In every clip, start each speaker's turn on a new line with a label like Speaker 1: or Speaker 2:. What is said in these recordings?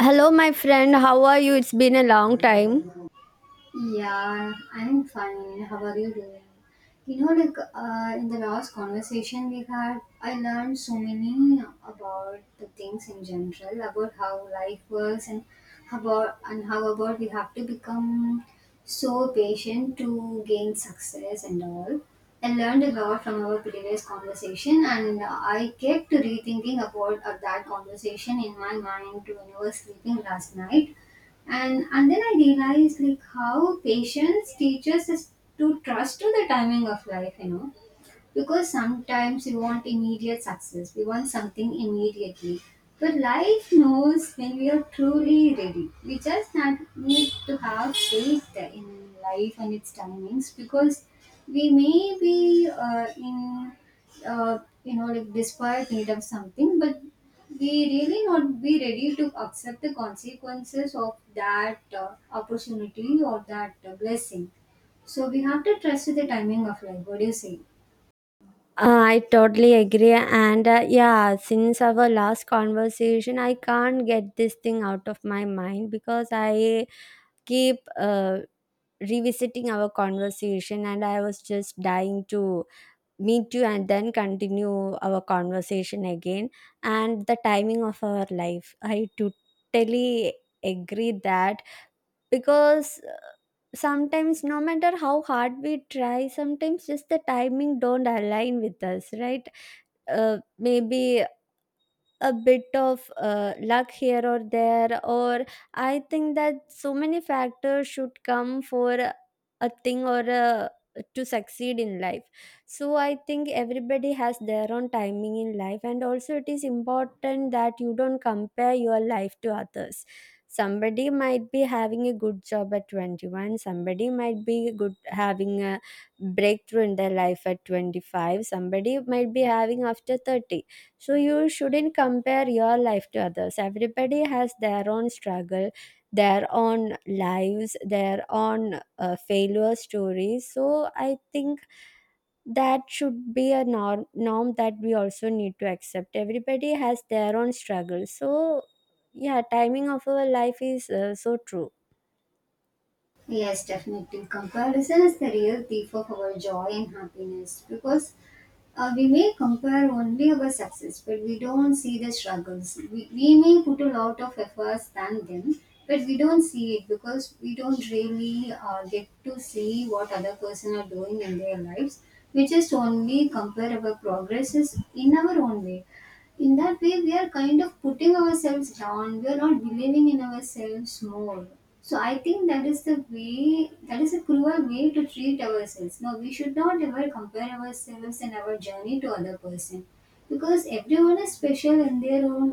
Speaker 1: Hello, my friend. How are you? It's been a long time.
Speaker 2: Yeah, I'm fine. How are you doing? In the last conversation we had, I learned so many about the things in general, about how life works, and how about we have to become so patient to gain success and all. I learned a lot from our previous conversation, and I kept rethinking about that conversation in my mind when I was sleeping last night and then I realized like how patience teaches us to trust to the timing of life because sometimes we want immediate success, we want something immediately. But life knows when we are truly ready. We just not need to have faith in life and its timings because we may be in, like desperate need of something, but we really not be ready to accept the consequences of that opportunity or that blessing. So we have to trust to the timing of life. What do you say?
Speaker 1: I totally agree. And yeah, since our last conversation, I can't get this thing out of my mind because I keep revisiting our conversation and I was just dying to meet you and then continue our conversation again. And the timing of our life, I totally agree that because sometimes no matter how hard we try, sometimes just the timing don't align with us, right? Maybe a bit of luck here or there, or I think that so many factors should come for a thing to succeed in life. So I think everybody has their own timing in life, and also it is important that you don't compare your life to others. Somebody might be having a good job at 21, somebody might be good having a breakthrough in their life at 25, somebody might be having after 30. So you shouldn't compare your life to others. Everybody has their own struggle, their own lives, their own failure stories. So I think that should be a norm that we also need to accept. Everybody has their own struggle. So yeah, timing of our life is so true.
Speaker 2: Yes, definitely. Comparison is the real thief of our joy and happiness because we may compare only our success, but we don't see the struggles. We may put a lot of efforts than them, but we don't see it because we don't really get to see what other person are doing in their lives. We just only compare our progresses in our own way. In that way, we are kind of putting ourselves down. We are not believing in ourselves more. So I think that is the way, that is a cruel way to treat ourselves. No, we should not ever compare ourselves and our journey to other person, because everyone is special in their own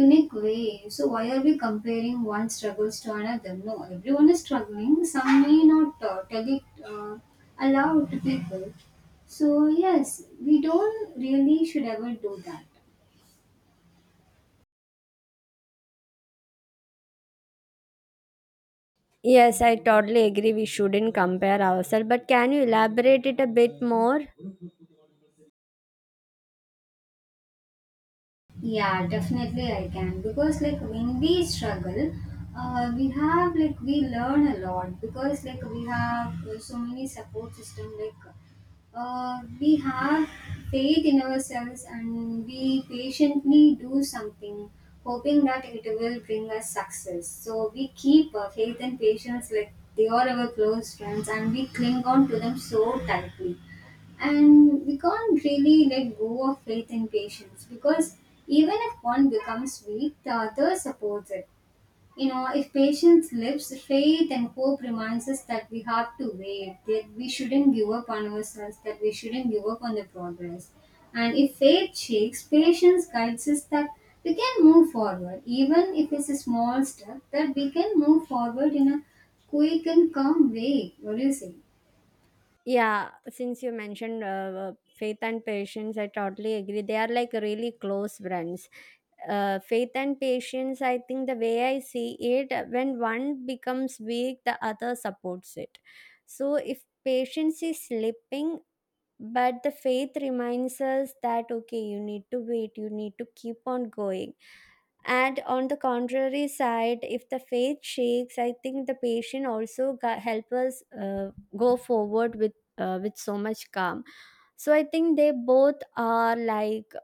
Speaker 2: unique way. So why are we comparing one struggles to another? No, everyone is struggling. Some may not tell it uh, aloud to people. So yes, we don't really should ever do that.
Speaker 1: Yes, I totally agree. We shouldn't compare ourselves. But can you elaborate it a bit more?
Speaker 2: Yeah, definitely I can, because like when we struggle, we have like we learn a lot because like we have so many support system, like we have faith in ourselves and we patiently do something hoping that it will bring us success. So we keep our faith and patience like they are our close friends, and we cling on to them so tightly. And we can't really let go of faith and patience, because even if one becomes weak, the other supports it. You know, if patience lives, faith and hope reminds us that we have to wait, that we shouldn't give up on ourselves, that we shouldn't give up on the progress. And if faith shakes, patience guides us that we can move forward, even if it's a small step, that we can move forward in a quick and calm way. What do you say?
Speaker 1: Yeah, since you mentioned faith and patience, I totally agree. They are like really close friends. Faith and patience, I think the way I see it, when one becomes weak, the other supports it. So if patience is slipping, but the faith reminds us that okay, you need to wait, you need to keep on going. And on the contrary side, if the faith shakes, I think the patient also help us go forward with so much calm. So I think they both are like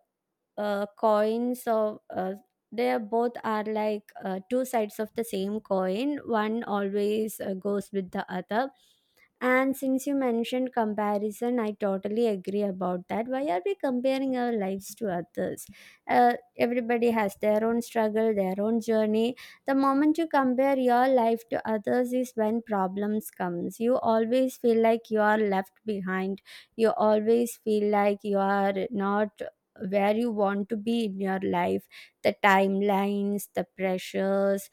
Speaker 1: coins of they are both are like two sides of the same coin, one always goes with the other. And since you mentioned comparison, I totally agree about that. Why are we comparing our lives to others? Everybody has their own struggle, their own journey. The moment you compare your life to others is when problems comes, you always feel like you are left behind, you always feel like you are not where you want to be in your life, the timelines, the pressures,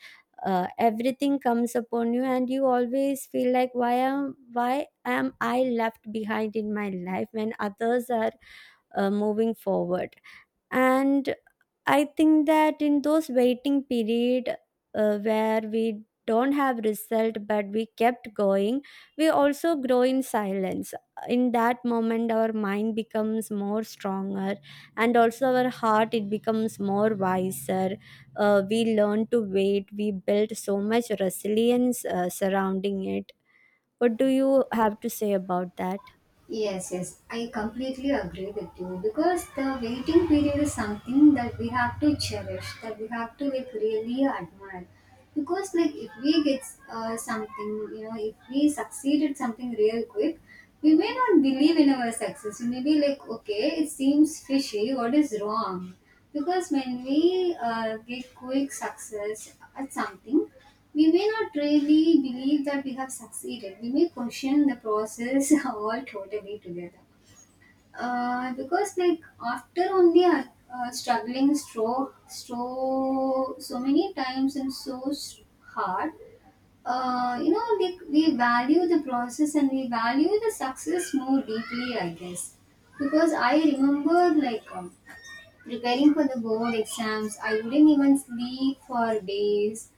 Speaker 1: everything comes upon you and you always feel like why am I left behind in my life when others are moving forward. And I think that in those waiting period, where we don't have result but we kept going, we also grow in silence. In that moment our mind becomes more stronger, and also our heart it becomes more wiser. We learn to wait, we build so much resilience surrounding it. What do you have to say about that?
Speaker 2: Yes, yes, I completely agree with you, because the waiting period is something that we have to cherish, that we have to like really admire. Because like if we get something, you know, if we succeed at something real quick, we may not believe in our success. We may be like, okay, it seems fishy. What is wrong? Because when we get quick success at something, we may not really believe that we have succeeded. We may question the process all totally together. Because like after only struggling so many times and so hard, you know, like we value the process and we value the success more deeply, I guess. Because I remember like. Preparing for the board exams, I wouldn't even sleep for days.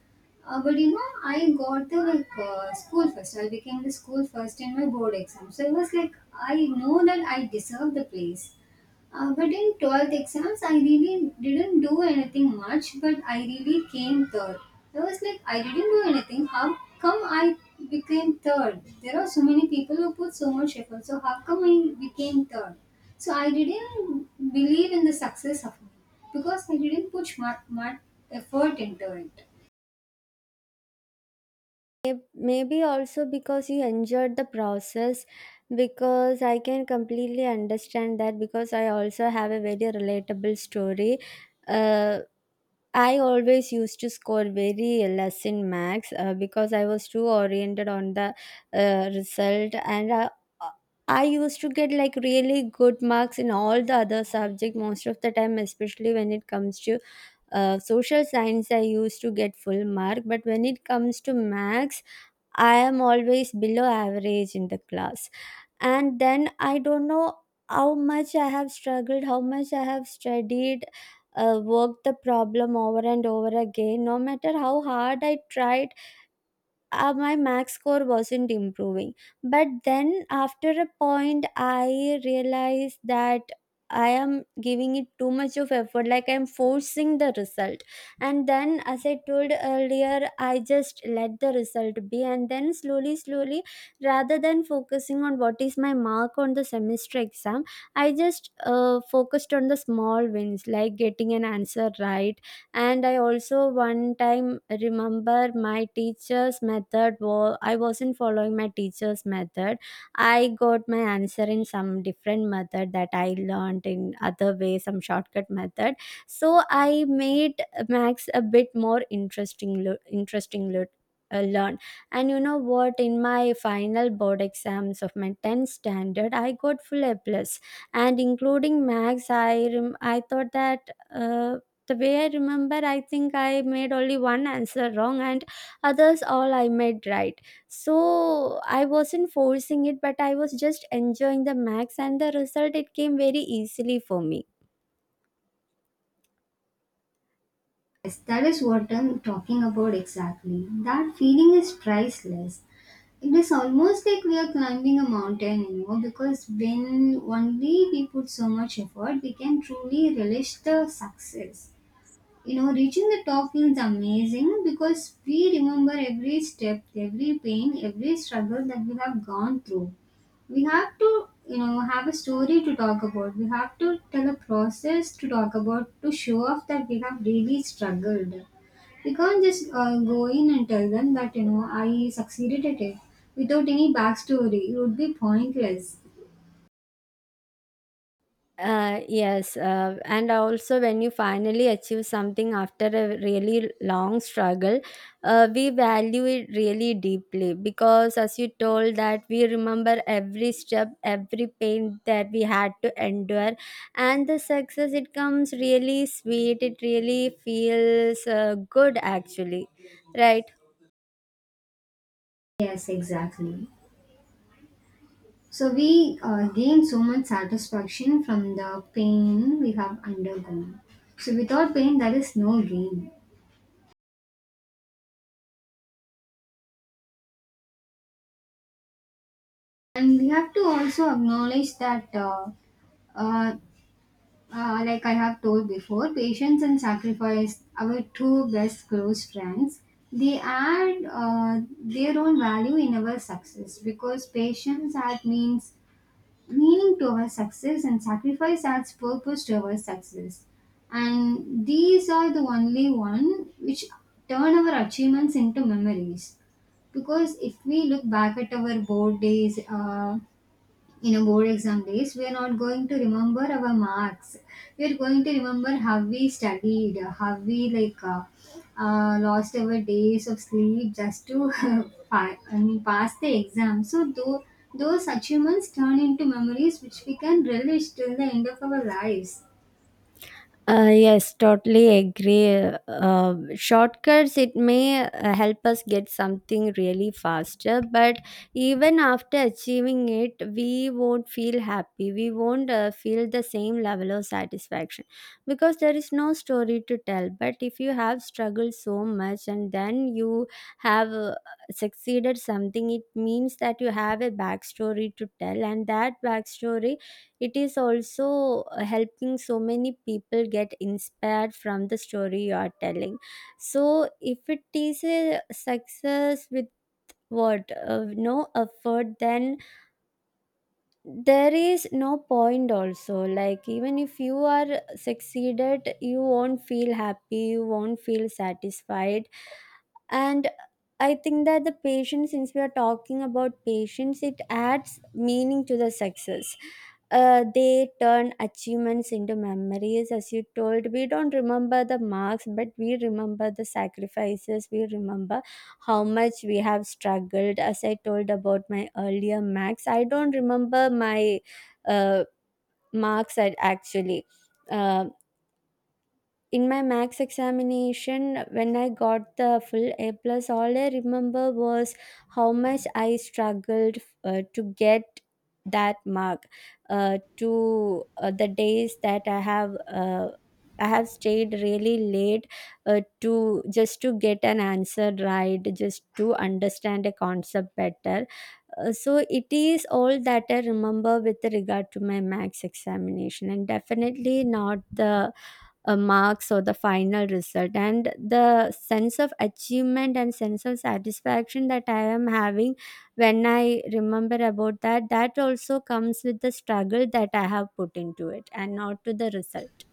Speaker 2: But you know, I got the like school first. I became the school first in my board exam, so it was like I know that I deserve the place. But in 12th exams, I really didn't do anything much, but I really came third. I was like, I didn't do anything. How come I became third? There are so many people who put so much effort, so how come I became third? So I didn't believe in the success of me because I didn't put much effort into it.
Speaker 1: May- Maybe also because you enjoyed the process, because I can completely understand that because I also have a very relatable story. Uh, I always used to score very less in max because I was too oriented on the result, and I used to get like really good marks in all the other subject most of the time, especially when it comes to social science, I used to get full mark, but when it comes to max I am always below average in the class. And then I don't know how much I have struggled, how much I have studied, worked the problem over and over again. No matter how hard I tried, my max score wasn't improving. But then after a point I realized that I am giving it too much of effort, like I'm forcing the result. And then, as I told earlier, I just let the result be, and then slowly slowly, rather than focusing on what is my mark on the semester exam, I just focused on the small wins, like getting an answer right. And I also one time remember my teacher's method was, I wasn't following my teacher's method, I got my answer in some different method that I learned in other way, some shortcut method. So I made max a bit more learn. And you know what, in my final board exams of my 10th standard, I got full A plus. And including max, I I thought that uh, the way I remember, I think I made only one answer wrong and others all I made right. So I wasn't forcing it, but I was just enjoying the max and the result it came very easily for me.
Speaker 2: Yes, that is what I'm talking about exactly. That feeling is priceless. It is almost like we are climbing a mountain, you know, because when only we put so much effort, we can truly relish the success. You know, reaching the top feels amazing, because we remember every step, every pain, every struggle that we have gone through. We have to, you know, have a story to talk about. We have to tell a process to talk about, to show off that we have really struggled. We can't just go in and tell them that, you know, I succeeded at it without any backstory. It would be pointless.
Speaker 1: Yes, and also when you finally achieve something after a really long struggle, we value it really deeply because, as you told, that we remember every step, every pain that we had to endure, and the success it comes really sweet. It really feels good, actually, right?
Speaker 2: Yes, exactly. So we gain so much satisfaction from the pain we have undergone. So without pain, there is no gain. And we have to also acknowledge that, uh, like I have told before, patience and sacrifice, our two best close friends, they add their own value in our success, because patience that means meaning to our success and sacrifice adds purpose to our success. And these are the only one which turn our achievements into memories. Because if we look back at our board days, in a board exam days, we are not going to remember our marks. We are going to remember how we studied, how we lost our days of sleep just to I mean, pass the exam. So though, those achievements turn into memories which we can relish till the end of our lives.
Speaker 1: Yes, totally agree. Shortcuts, it may help us get something really faster, but even after achieving it, we won't feel happy. We won't feel the same level of satisfaction because there is no story to tell. But if you have struggled so much and then you have succeeded something, it means that you have a backstory to tell, and that backstory it is also helping so many people get inspired from the story you are telling. So if it is a success with what no effort, then there is no point also. Like, even if you are succeeded, you won't feel happy, you won't feel satisfied. And I think that the patience, since we are talking about patience, it adds meaning to the success. They turn achievements into memories. As you told, we don't remember the marks, but we remember the sacrifices, we remember how much we have struggled. As I told about my earlier max, I don't remember my uh, marks at actually. Uh, in my max examination, when I got the full A plus, all I remember was how much I struggled to get that mark, to the days that I have I have stayed really late to just to get an answer right, just to understand a concept better. So it is all that I remember with regard to my max examination, and definitely not the marks or the final result. And the sense of achievement and sense of satisfaction that I am having when I remember about that, that also comes with the struggle that I have put into it and not to the result.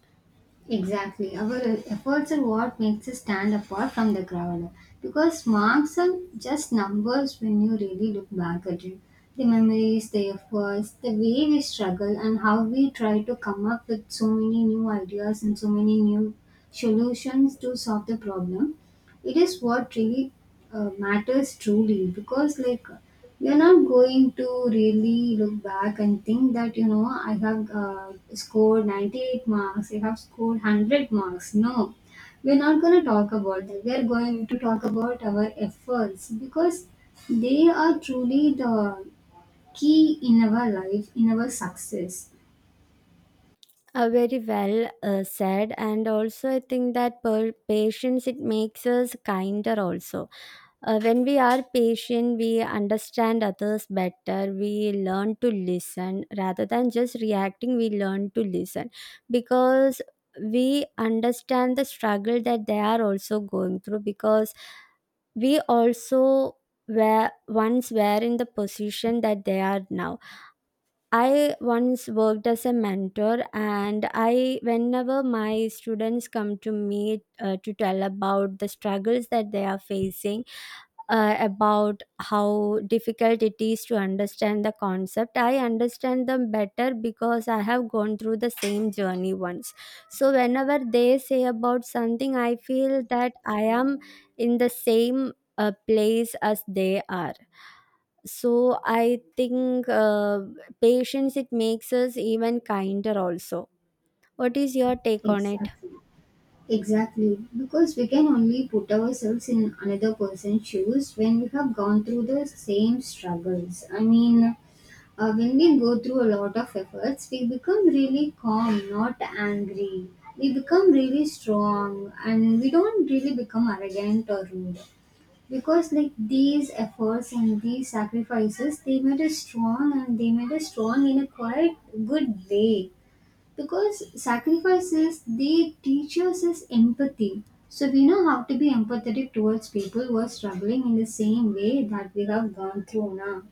Speaker 2: Exactly. Our efforts are what makes us stand apart from the crowd. Because marks are just numbers when you really look back at it. The memories, the efforts, the way we struggle, and how we try to come up with so many new ideas and so many new solutions to solve the problem. It is what really matters truly, because, like, you're not going to really look back and think that, you know, I have scored 98 marks, I have scored 100 marks. No, we're not going to talk about that. We're going to talk about our efforts, because they are truly the key in our life, in our success.
Speaker 1: Very well said. And also I think that patience, it makes us kinder also. When we are patient, we understand others better. We learn to listen rather than just reacting, we learn to listen because we understand the struggle that they are also going through, because we also were once were in the position that they are now. I once worked as a mentor, and I, whenever my students come to me to tell about the struggles that they are facing, about how difficult it is to understand the concept, I understand them better because I have gone through the same journey once. So, whenever they say about something, I feel that I am in the same place as they are. So I think patience, it makes us even kinder also. What is your take on it?
Speaker 2: Exactly. Exactly. Because we can only put ourselves in another person's shoes when we have gone through the same struggles. I mean, when we go through a lot of efforts, we become really calm, not angry. We become really strong and we don't really become arrogant or rude. Because like these efforts and these sacrifices, they made us strong and they made us strong in a quite good way. Because sacrifices, they teach us is empathy. So we know how to be empathetic towards people who are struggling in the same way that we have gone through now.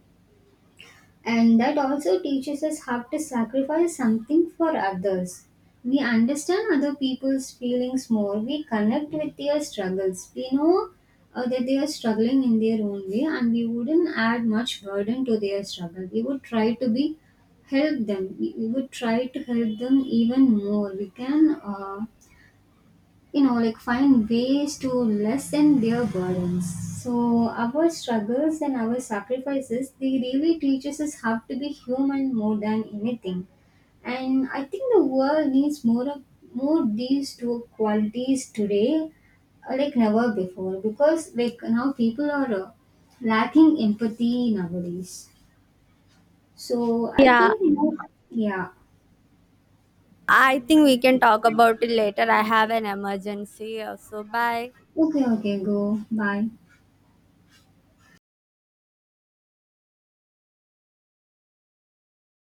Speaker 2: And that also teaches us how to sacrifice something for others. We understand other people's feelings more. We connect with their struggles. We know that they are struggling in their own way, and we wouldn't add much burden to their struggle. We would try to be help them. We would try to help them even more. We can. Like find ways to lessen their burdens. So our struggles and our sacrifices, they really teaches us how to be human more than anything. And I think the world needs more these two qualities today, like never before. Because like now people are lacking empathy nowadays. So I
Speaker 1: Yeah,
Speaker 2: think, you know, yeah.
Speaker 1: I think we can talk about it later, I have an emergency also. Bye.
Speaker 2: Okay, okay, go, bye.